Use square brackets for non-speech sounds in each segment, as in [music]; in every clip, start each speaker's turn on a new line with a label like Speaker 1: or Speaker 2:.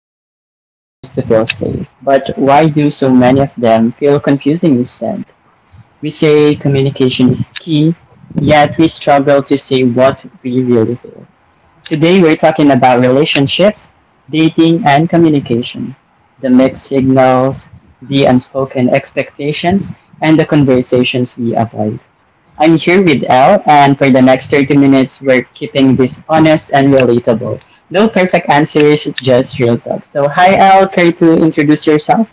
Speaker 1: Relationships are supposed to feel safe, but why do so many of them feel confusing instead? We say communication is key, yet we struggle to say what we really feel. Today we're talking about relationships, dating, and communication, the mixed signals, the unspoken expectations, and the conversations we avoid. I'm here with Elle, and for the next 30 minutes, we're keeping this honest and relatable. No perfect answers, just real talk. So, hi Elle, care to introduce yourself?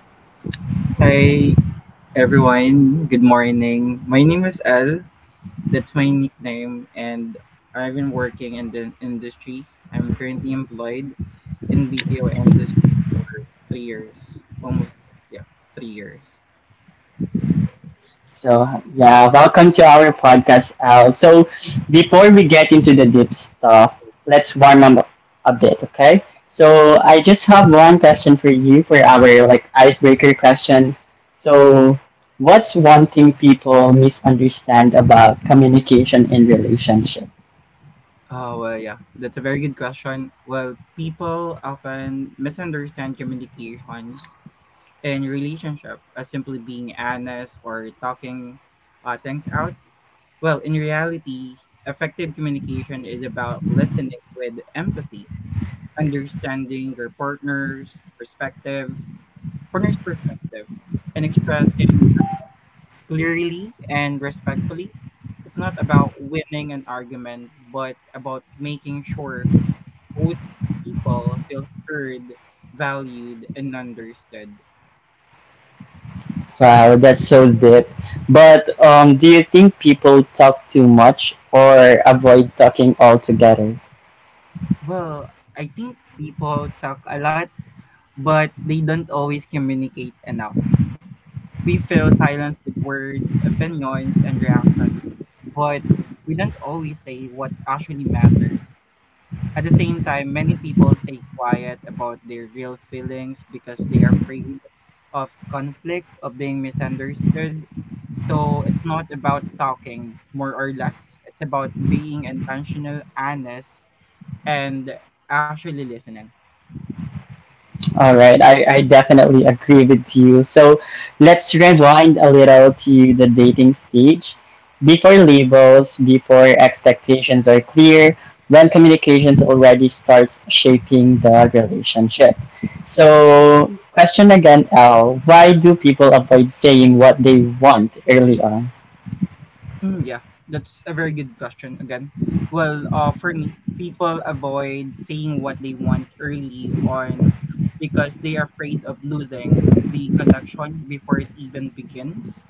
Speaker 2: Hi everyone, good morning. My name is Al. That's my nickname and I've been working in the industry. I'm currently employed in BPO industry for 3 years. Almost yeah, 3 years.
Speaker 1: So yeah, welcome to our podcast, Al. So before we get into the deep stuff, let's warm up a bit, okay? So I just have one question for you for our like icebreaker question. So what's one thing people misunderstand about communication in relationship?
Speaker 2: That's a very good question. Well, people often misunderstand communications and relationship as simply being honest or talking things out. Well, in reality, effective communication is about listening with empathy, understanding your partner's perspective, and expressing clearly and respectfully. It's not about winning an argument, but about making sure both people feel heard, valued, and understood.
Speaker 1: Wow, that's so deep. But do you think people talk too much or avoid talking altogether?
Speaker 2: Well, I think people talk a lot, but they don't always communicate enough. We fill silence with words, opinions, and reactions, but we don't always say what actually matters. At the same time, many people stay quiet about their real feelings because they are afraid of conflict, of being misunderstood. So it's not about talking more or less, it's about being intentional, honest, and actually listening.
Speaker 1: All right, I definitely agree with you. So let's rewind a little to the dating stage. Before labels, before expectations are clear, when communications already starts shaping the relationship. So, question again, L, why do people avoid saying what they want early on?
Speaker 2: Mm, yeah, that's a very good question again. Well, for me, people avoid saying what they want early on because they are afraid of losing the connection before it even begins.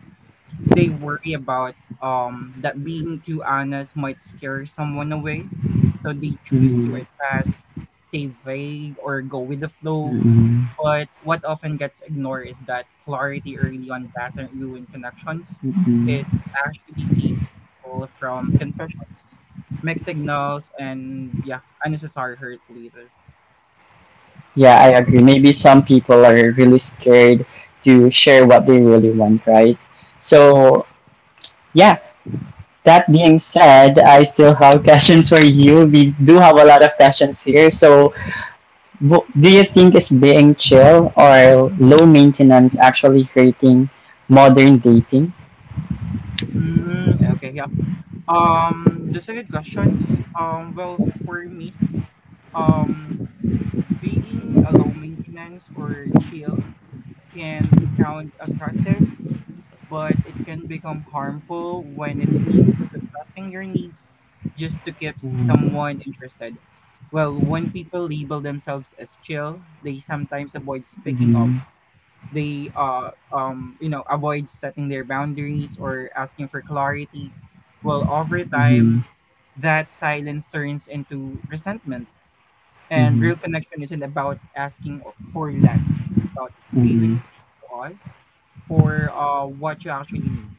Speaker 2: They worry about that being too honest might scare someone away, so they choose to
Speaker 1: Mm,
Speaker 2: adjust, stay vague, or go with the flow,
Speaker 1: mm,
Speaker 2: but what often gets ignored is that clarity early on doesn't ruin connections. It
Speaker 1: mm.
Speaker 2: actually saves people from confessions, mixed signals, and yeah, unnecessary hurt later.
Speaker 1: Yeah, I agree. Maybe some people are really scared to share what they really want, right? So, yeah, that being said, I still have [laughs] questions for you. We do have a lot of questions here. So, do you think is being chill or low maintenance actually creating modern dating?
Speaker 2: Mm, okay, yeah. Those are good questions. Well, for me, um, being a low maintenance or chill can sound attractive, but it can become harmful when it means suppressing your needs just to keep
Speaker 1: Mm-hmm.
Speaker 2: someone interested. Well, when people label themselves as chill, they sometimes avoid speaking up.
Speaker 1: Mm-hmm.
Speaker 2: They avoid setting their boundaries or asking for clarity. Well, over
Speaker 1: Mm-hmm.
Speaker 2: time, that silence turns into resentment. And real connection isn't about asking or- for less. It's about
Speaker 1: Mm-hmm.
Speaker 2: feeling safe to us for what you actually need.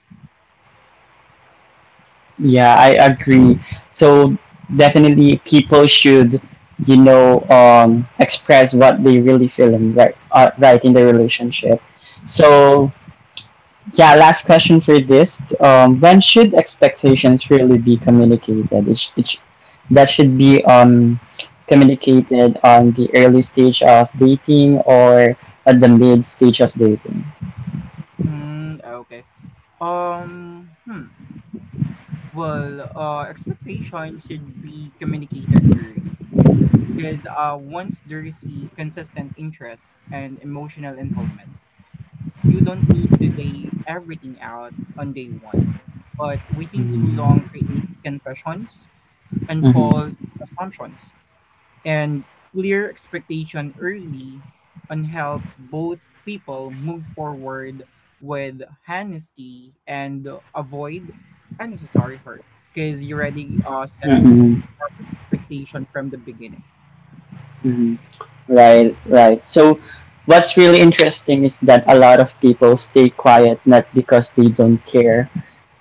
Speaker 1: Yeah, I agree. So definitely, people should, express what they really feel in right in the relationship. So yeah, last question for this. When should expectations really be communicated? That should be communicated on the early stage of dating or at the mid stage of dating.
Speaker 2: Mm, okay. Um, hmm. Well, expectations should be communicated early because once there's a consistent interest and emotional involvement, you don't need to lay everything out on day one. But waiting too
Speaker 1: Mm-hmm.
Speaker 2: long creates confessions and
Speaker 1: Mm-hmm.
Speaker 2: false assumptions, and clear expectation early on help both people move forward with honesty and avoid unnecessary hurt because you already set
Speaker 1: Mm-hmm.
Speaker 2: up expectation from the beginning.
Speaker 1: Mm-hmm. Right, right. So, what's really interesting is that a lot of people stay quiet not because they don't care,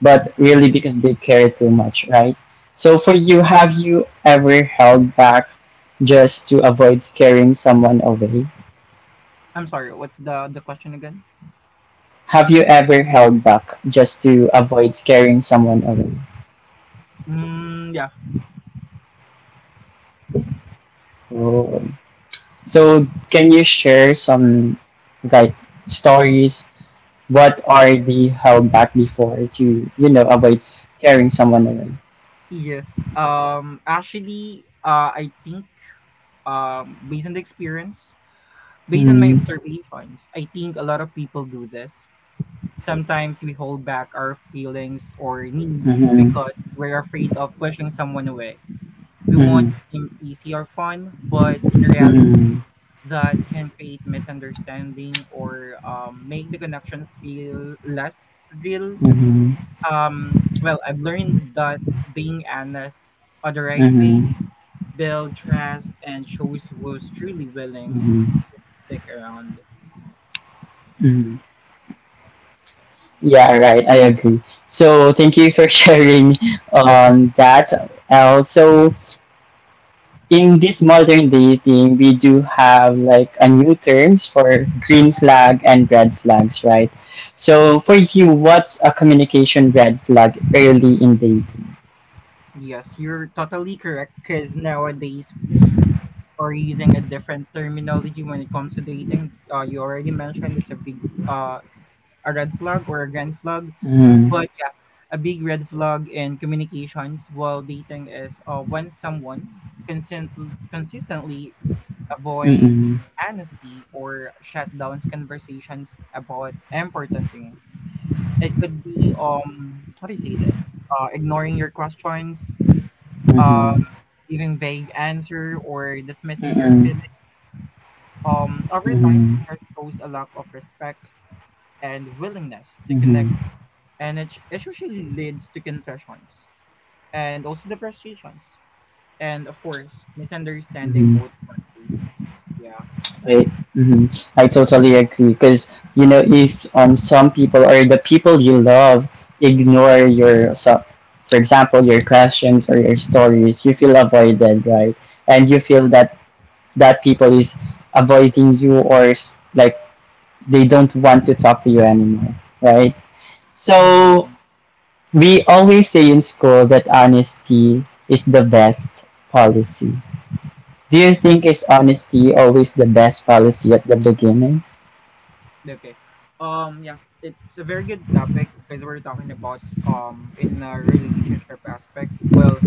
Speaker 1: but really because they care too much, right? So for you, have you ever held back just to avoid scaring someone away?
Speaker 2: I'm sorry, what's the question again?
Speaker 1: Have you ever held back just to avoid scaring someone away?
Speaker 2: Mm, yeah.
Speaker 1: Oh. So can you share some like stories? What are the held back before to avoid scaring someone away?
Speaker 2: Yes. Actually, I think, based on the experience, based on my
Speaker 1: Mm-hmm.
Speaker 2: observations, I think a lot of people do this. Sometimes we hold back our feelings or needs
Speaker 1: Mm-hmm.
Speaker 2: because we're afraid of pushing someone away. We want
Speaker 1: Mm-hmm.
Speaker 2: to seem easy or fun, but in reality,
Speaker 1: Mm-hmm.
Speaker 2: that can create misunderstanding or make the connection feel less real.
Speaker 1: Mm-hmm.
Speaker 2: Well, I've learned that being honest at the right pace
Speaker 1: Mm-hmm.
Speaker 2: builds trust and shows who's truly willing
Speaker 1: Mm-hmm.
Speaker 2: to stick around.
Speaker 1: Yeah, right. I agree. So thank you for [laughs] sharing that. Also, in this modern dating, we do have like a new terms for green flag and red flags, right? So for you, what's a communication red flag early in dating?
Speaker 2: Yes, you're totally correct because nowadays we are using a different terminology when it comes to dating. You already mentioned it's a big uh, a red flag or a grand flag,
Speaker 1: Mm-hmm.
Speaker 2: but yeah, a big red flag in communications while dating is when someone consistently avoid
Speaker 1: Mm-hmm.
Speaker 2: honesty or shut downs conversations about important things. It could be how do you say this? Ignoring your questions, uh,
Speaker 1: Mm-hmm.
Speaker 2: giving vague answer or dismissing your
Speaker 1: Mm-hmm.
Speaker 2: feeling. Over time,
Speaker 1: Mm-hmm.
Speaker 2: that shows a lack of respect and willingness to connect,
Speaker 1: Mm-hmm.
Speaker 2: and it usually leads to confessions and also the frustrations, and of course, misunderstanding
Speaker 1: Mm-hmm.
Speaker 2: both parties. Yes.
Speaker 1: Right. Hmm. I totally agree because if some people or the people you love ignore your so, for example your questions or your stories, you feel avoided, right? And you feel that that people is avoiding you or like they don't want to talk to you anymore, right? So
Speaker 2: Mm-hmm.
Speaker 1: we always say in school that honesty is the best policy. Do you think is honesty always the best policy at the beginning?
Speaker 2: Okay. Yeah, it's a very good topic because we're talking about in a relationship aspect. Well,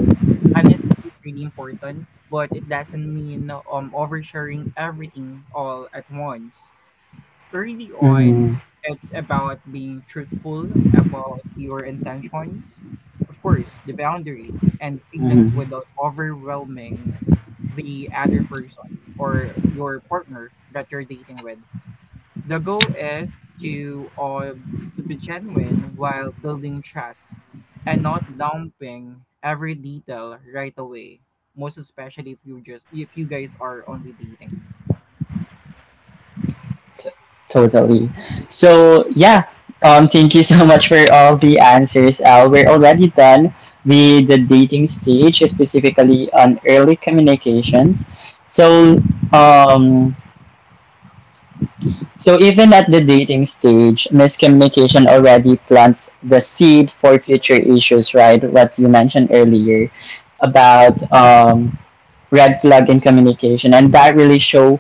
Speaker 2: honesty is really important, but it doesn't mean oversharing everything all at once. Early on,
Speaker 1: Mm-hmm.
Speaker 2: it's about being truthful about your intentions, of course, the boundaries and feelings
Speaker 1: Mm-hmm.
Speaker 2: without overwhelming the other person or your partner that you're dating with. The goal is to or to be genuine while building trust and not dumping every detail right away. Most especially if you just if you guys are only dating.
Speaker 1: T- totally. So yeah, thank you so much for all the answers, Al. We're already done with the dating stage, specifically on early communications. So um, even at the dating stage, miscommunication already plants the seed for future issues, right? What you mentioned earlier about red flag in communication, and that really show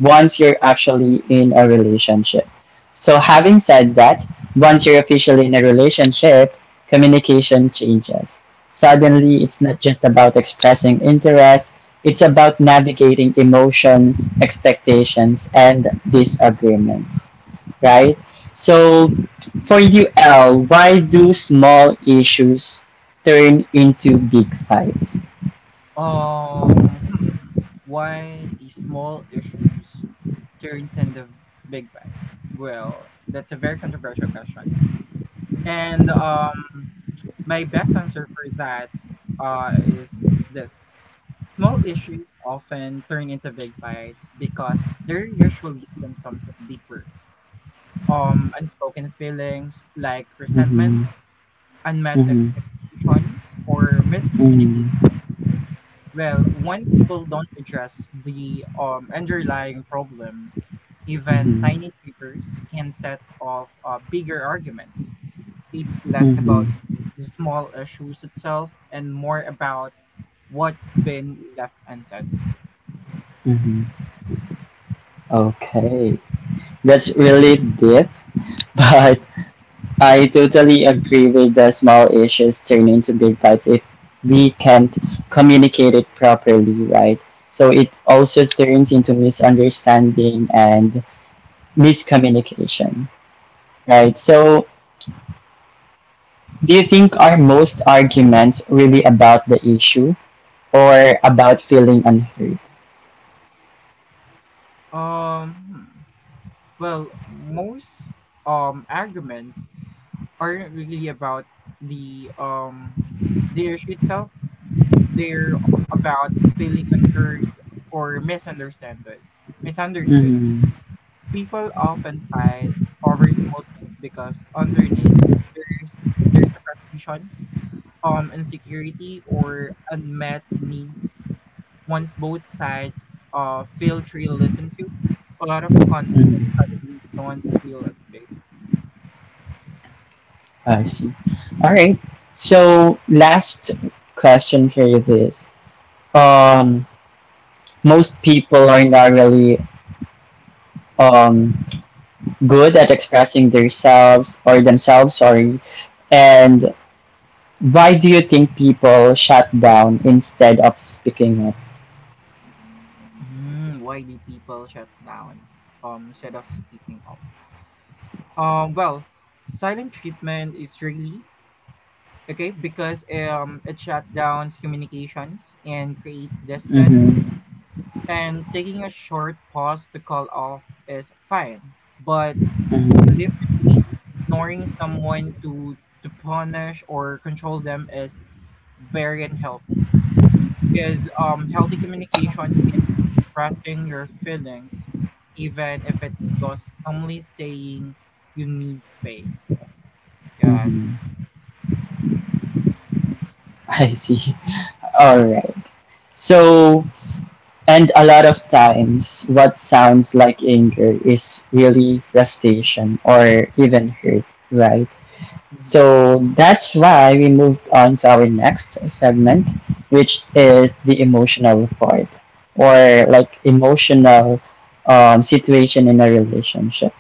Speaker 1: once you're actually in a relationship. So, having said that, once you're officially in a relationship, communication changes. Suddenly, it's not just about expressing interest, it's about navigating emotions, expectations, and disagreements, right? So,
Speaker 2: Mhm.
Speaker 1: for you, L, why do small issues turn into big fights?
Speaker 2: Um hmm, why small issues turns into big bad? Well, that's a very controversial question. And my best answer for that is this. Small issues often turn into big fights because they're usually symptoms of deeper, unspoken feelings like resentment,
Speaker 1: Mm-hmm.
Speaker 2: unmet
Speaker 1: Mm-hmm.
Speaker 2: expectations, or miscommunications.
Speaker 1: Mm-hmm.
Speaker 2: Well, when people don't address the underlying problem, even
Speaker 1: Mm-hmm.
Speaker 2: tiny triggers can set off bigger arguments. It's less about
Speaker 1: Mm-hmm.
Speaker 2: the small issues itself and more about what's been left unsaid.
Speaker 1: Mm-hmm. Okay, that's really deep, [laughs] but I totally agree with the small issues turn into big fights if we can't communicate it properly, right? So it also turns into misunderstanding and miscommunication, right? So do you think are most arguments really about the issue or about feeling unheard?
Speaker 2: Um, hmm. Well, most arguments aren't really about the um the issue itself. They're about feeling unheard or misunderstood. Misunderstood.
Speaker 1: Mm,
Speaker 2: People often fight over small things because underneath there's a frustrations, insecurity or unmet needs. Once both sides feel truly listened to, a lot of conflicts
Speaker 1: mm,
Speaker 2: suddenly don't feel as big.
Speaker 1: I see. All right. So last question for you this. um, Most people are not really um, good at expressing themselves or themselves. Sorry, and why do you think people shut down instead of speaking up?
Speaker 2: Why do people shut down instead of speaking up? Well, silent treatment is really okay because it shut down communications and create distance.
Speaker 1: Mm-hmm,
Speaker 2: And taking a short pause to call off is fine, but
Speaker 1: mm-hmm,
Speaker 2: deliberately ignoring someone to punish or control them is very unhealthy because healthy communication means expressing your feelings even if it's just calmly saying you need space. Yes.
Speaker 1: mm-hmm. [laughs] I see. All right. So, and a lot of times, what sounds like anger is really frustration or even hurt, right?
Speaker 2: hmm
Speaker 1: So that's why we moved on to our next segment, which is the emotional part or like emotional situation in a relationship.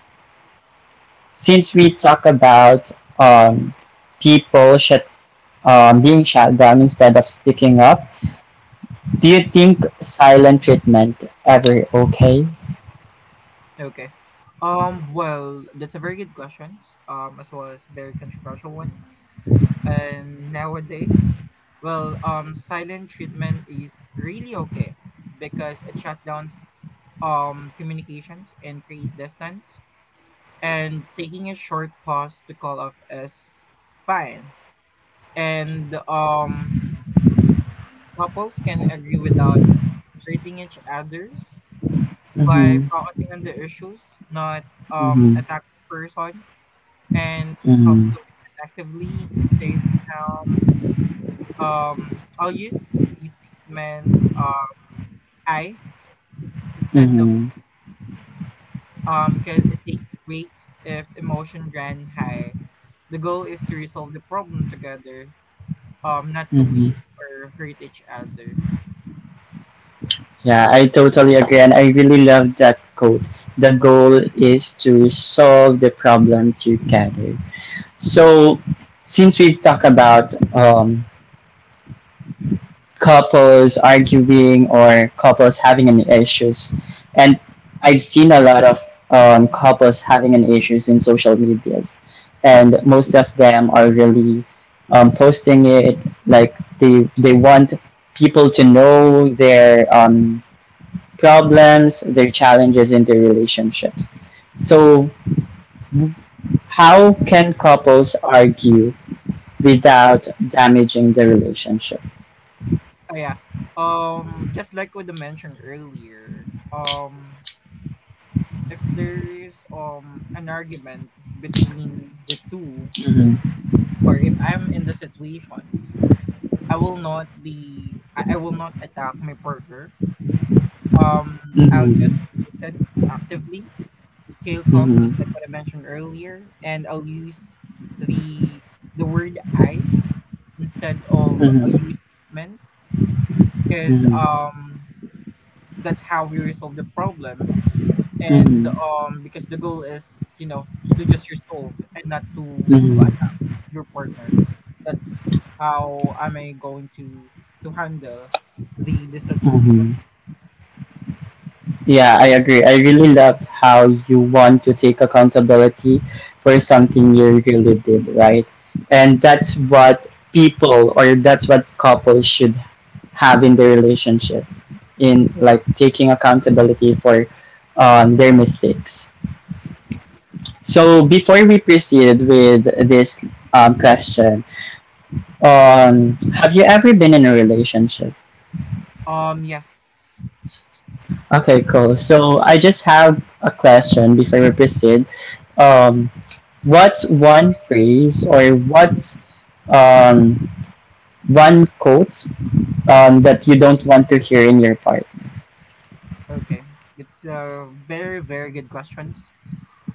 Speaker 1: Since we talk about um, people shut, being shut down instead of speaking up, do you think silent treatment ever okay?
Speaker 2: okay well, that's a very good question as well as very controversial one, and nowadays, well, silent treatment is really okay because it shut down communications and create distance. And taking a short pause to call off is fine. And couples can agree without hurting each other's by
Speaker 1: Mm-hmm.
Speaker 2: focusing on the issues, not
Speaker 1: Mm-hmm.
Speaker 2: attack the person. And it helps
Speaker 1: Mm-hmm.
Speaker 2: to listen actively, say, um, I'll use the statement, I, instead of um, because it takes weeks if emotion ran high. The goal is to resolve the problem together, not to
Speaker 1: Mm-hmm.
Speaker 2: win or hurt each other.
Speaker 1: Yeah, I totally agree, and I really love that quote. The goal is to solve the problem together. So, since we've talked about couples arguing or couples having any issues, and I've seen a lot of couples having an issues in social medias, and most of them are really posting it like they want people to know their problems, their challenges in their relationships. So, how can couples argue without damaging the relationship?
Speaker 2: oh yeah just like what I mentioned earlier, if there is an argument between the two
Speaker 1: Mhm.
Speaker 2: or if I'm in the situations, I will not attack my partner. um I'll
Speaker 1: Mhm.
Speaker 2: just listen actively, stay calm, just
Speaker 1: Mhm.
Speaker 2: like what I mentioned earlier, and I'll use the the word I instead of a
Speaker 1: Mhm.
Speaker 2: you statement because
Speaker 1: Mhm.
Speaker 2: that's how we resolve the problem. And
Speaker 1: Mhm.
Speaker 2: because the goal is, you know, to just resolve and not to
Speaker 1: Mhm.
Speaker 2: attack your partner. That's how am I going to handle the situation.
Speaker 1: Mhm. Yeah, I agree. I really love how you want to take accountability for something you really did, right? And that's what people or that's what couples should have in their relationship in like taking accountability for their mistakes. So before we proceed with this question, have you ever been in a relationship?
Speaker 2: Um, yes.
Speaker 1: Okay, cool. So I just have a question before we proceed. Um, what's one phrase or what's um, one quote that you don't want to hear in your part?
Speaker 2: Okay, it's a very very good questions.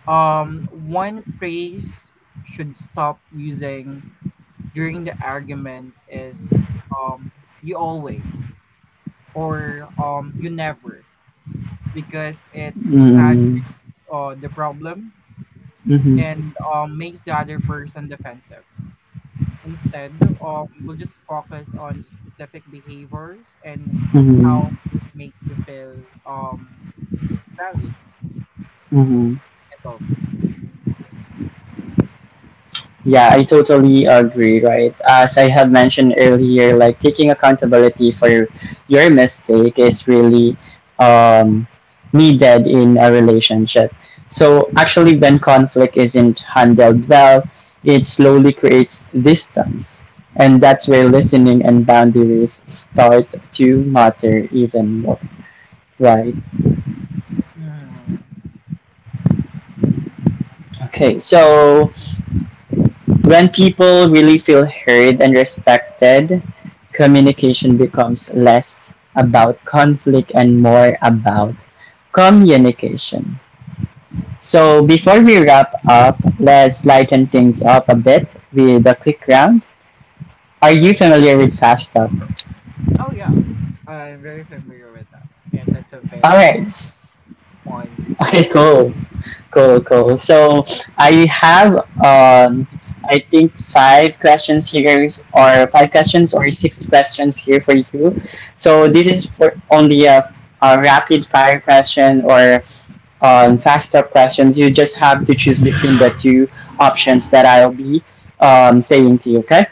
Speaker 2: One phrase should stop using during the argument is um you always or you never because it
Speaker 1: Mm-hmm.
Speaker 2: exaggerates the problem
Speaker 1: Mm-hmm.
Speaker 2: and makes the other person defensive. Instead, we'll just focus on specific behaviors and
Speaker 1: Mm-hmm.
Speaker 2: how they make you feel valued
Speaker 1: Mm-hmm.
Speaker 2: and loved.
Speaker 1: Yeah, I totally agree, right? As I have mentioned earlier, like taking accountability for your mistake is really um, needed in a relationship. So, actually, when conflict isn't handled well, it slowly creates distance. And that's where listening and boundaries start to matter even more, right?
Speaker 2: Mhm.
Speaker 1: Okay, so when people really feel heard and respected, communication becomes less about conflict and more about communication. So before we wrap up, let's lighten things up a bit with a quick round. Are you familiar with Fast Talk?
Speaker 2: Oh yeah, I'm very familiar with that, and that's a
Speaker 1: All
Speaker 2: very
Speaker 1: right.
Speaker 2: fun. To-
Speaker 1: Okay, cool, cool, cool. So I have um, I think five questions here, or five questions, or six questions here for you. So this is for only a rapid fire question or fast up questions. You just have to choose between the two options that I'll be saying to you. Okay.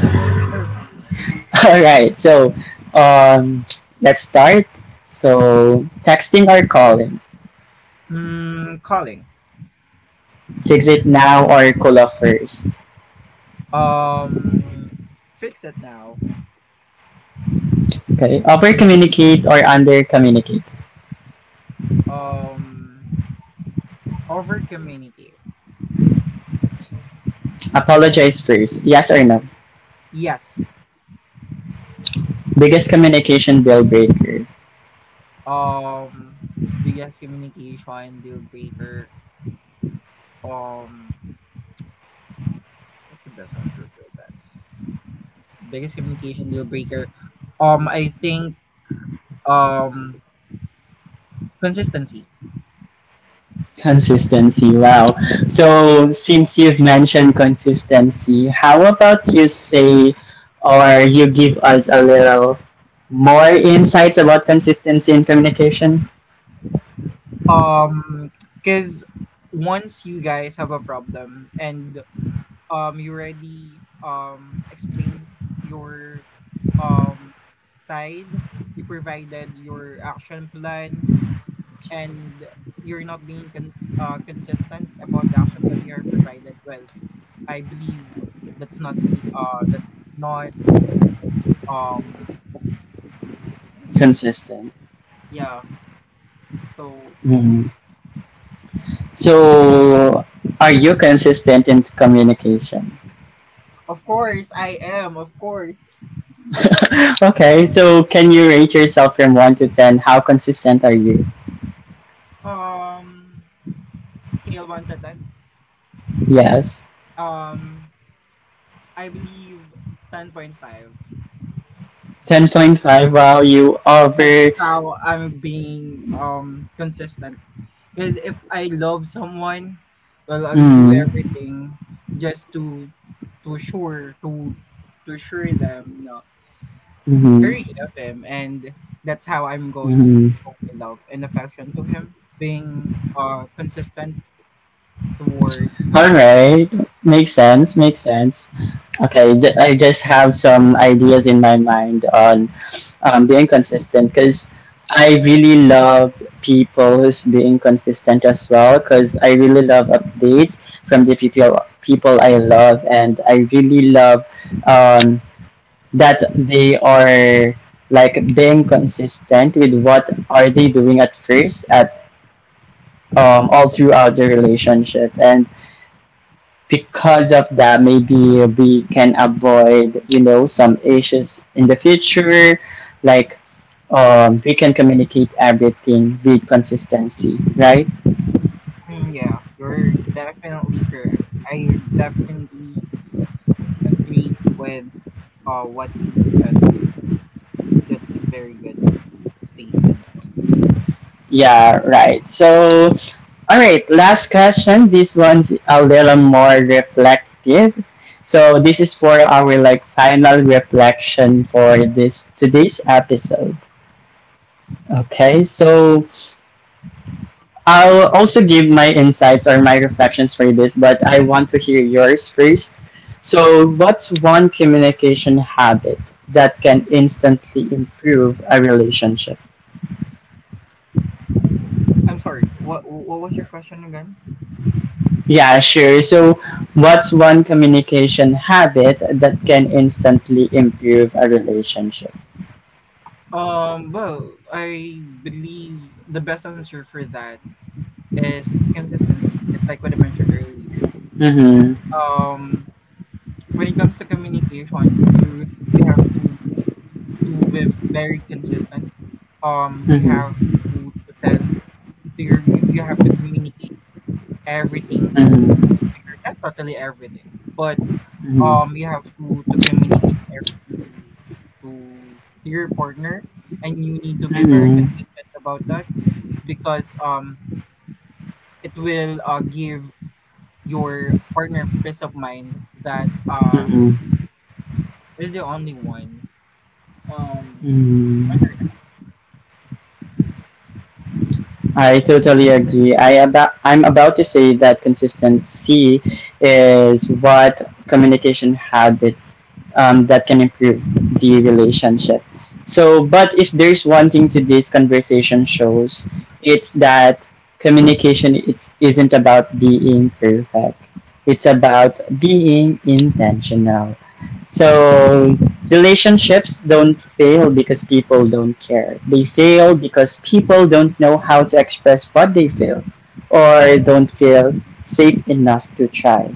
Speaker 2: okay, sure.
Speaker 1: [laughs] All right. So um, let's start. So texting or calling,
Speaker 2: Mm, calling.
Speaker 1: fix it now or call off first.
Speaker 2: Um, fix it now.
Speaker 1: Okay. Over communicate or under communicate.
Speaker 2: Um, over communicate.
Speaker 1: Apologize first. Yes or no?
Speaker 2: Yes.
Speaker 1: Biggest communication deal breaker.
Speaker 2: Um, biggest communication deal breaker. Um, what's the best answer for this? Biggest communication deal breaker. I think um consistency,
Speaker 1: Consistency. Wow. So since you've mentioned consistency, how about you say or you give us a little more insights about consistency in communication?
Speaker 2: um because once you guys have a problem and you already explain your um side, you provided your action plan, and you're not being consistent about the action plan you are provided. Well, I believe that's not be that's not, um how do I say that.
Speaker 1: Consistent.
Speaker 2: Yeah, so yeah.
Speaker 1: Mhm. So are you consistent in communication?
Speaker 2: Of course I am, of course.
Speaker 1: [laughs] Okay, so can you rate yourself from 1 to 10? How consistent are you?
Speaker 2: um Scale one to ten.
Speaker 1: Yes.
Speaker 2: Um, I believe 10.5.
Speaker 1: 10.5. Wow, you
Speaker 2: That's
Speaker 1: over.
Speaker 2: how I'm being consistent. Because if I love someone, well, I'll do
Speaker 1: Mm.
Speaker 2: everything just to sure to sure them. You know, I
Speaker 1: Mm-hmm.
Speaker 2: really love him, and that's how I'm going to
Speaker 1: Mm-hmm.
Speaker 2: show my love and affection to him. Being consistent toward.
Speaker 1: Alright, makes sense, makes sense. Okay, I just have some ideas in my mind on being consistent because I really love people who's being consistent as well because I really love updates from the people I love and I really love um, that they are like being consistent with what are they doing at first at all throughout the relationship and because of that maybe we can avoid some issues in the future like we can communicate everything with consistency right.
Speaker 2: Mm, yeah, you're definitely correct. I definitely agreed with what you said. That's a very good statement.
Speaker 1: Yeah, right. So all right, last question, this one's a little more reflective, so this is for our like final reflection for this today's episode. Okay, so I'll also give my insights or my reflections for this, but I want to hear yours first. So, what's one communication habit that can instantly improve a relationship?
Speaker 2: I'm sorry. What was your question again?
Speaker 1: Yeah, sure. So, what's one communication habit that can instantly improve a relationship?
Speaker 2: Well, I believe the best answer for that is consistency. Just like what I mentioned earlier.
Speaker 1: Mm-hmm.
Speaker 2: Um. When it comes to communications, you really have to be very consistent. You have
Speaker 1: Mm-hmm.
Speaker 2: to tell to your you, you have to communicate everything
Speaker 1: Mm-hmm.
Speaker 2: to your not totally everything, but
Speaker 1: Mm-hmm.
Speaker 2: you have to communicate everything to to your partner and you need to be very
Speaker 1: Mm-hmm.
Speaker 2: consistent about that because it will give your partner peace of mind that
Speaker 1: Mm-hmm.
Speaker 2: is the only one um
Speaker 1: Mm-hmm. I totally agree. I'm about to say that consistency is what communication habit that can improve the relationship. So, but if there's one thing today's conversation shows, it's that communication isn't about being perfect. It's about being intentional. So, relationships don't fail because people don't care. They fail because people don't know how to express what they feel or don't feel safe enough to try.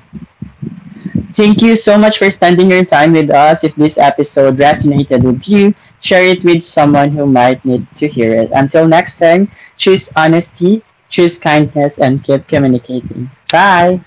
Speaker 1: Thank you so much for spending your time with us. If this episode resonated with you, share it with someone who might need to hear it. Until next time, choose honesty, choose kindness, and keep communicating. Bye.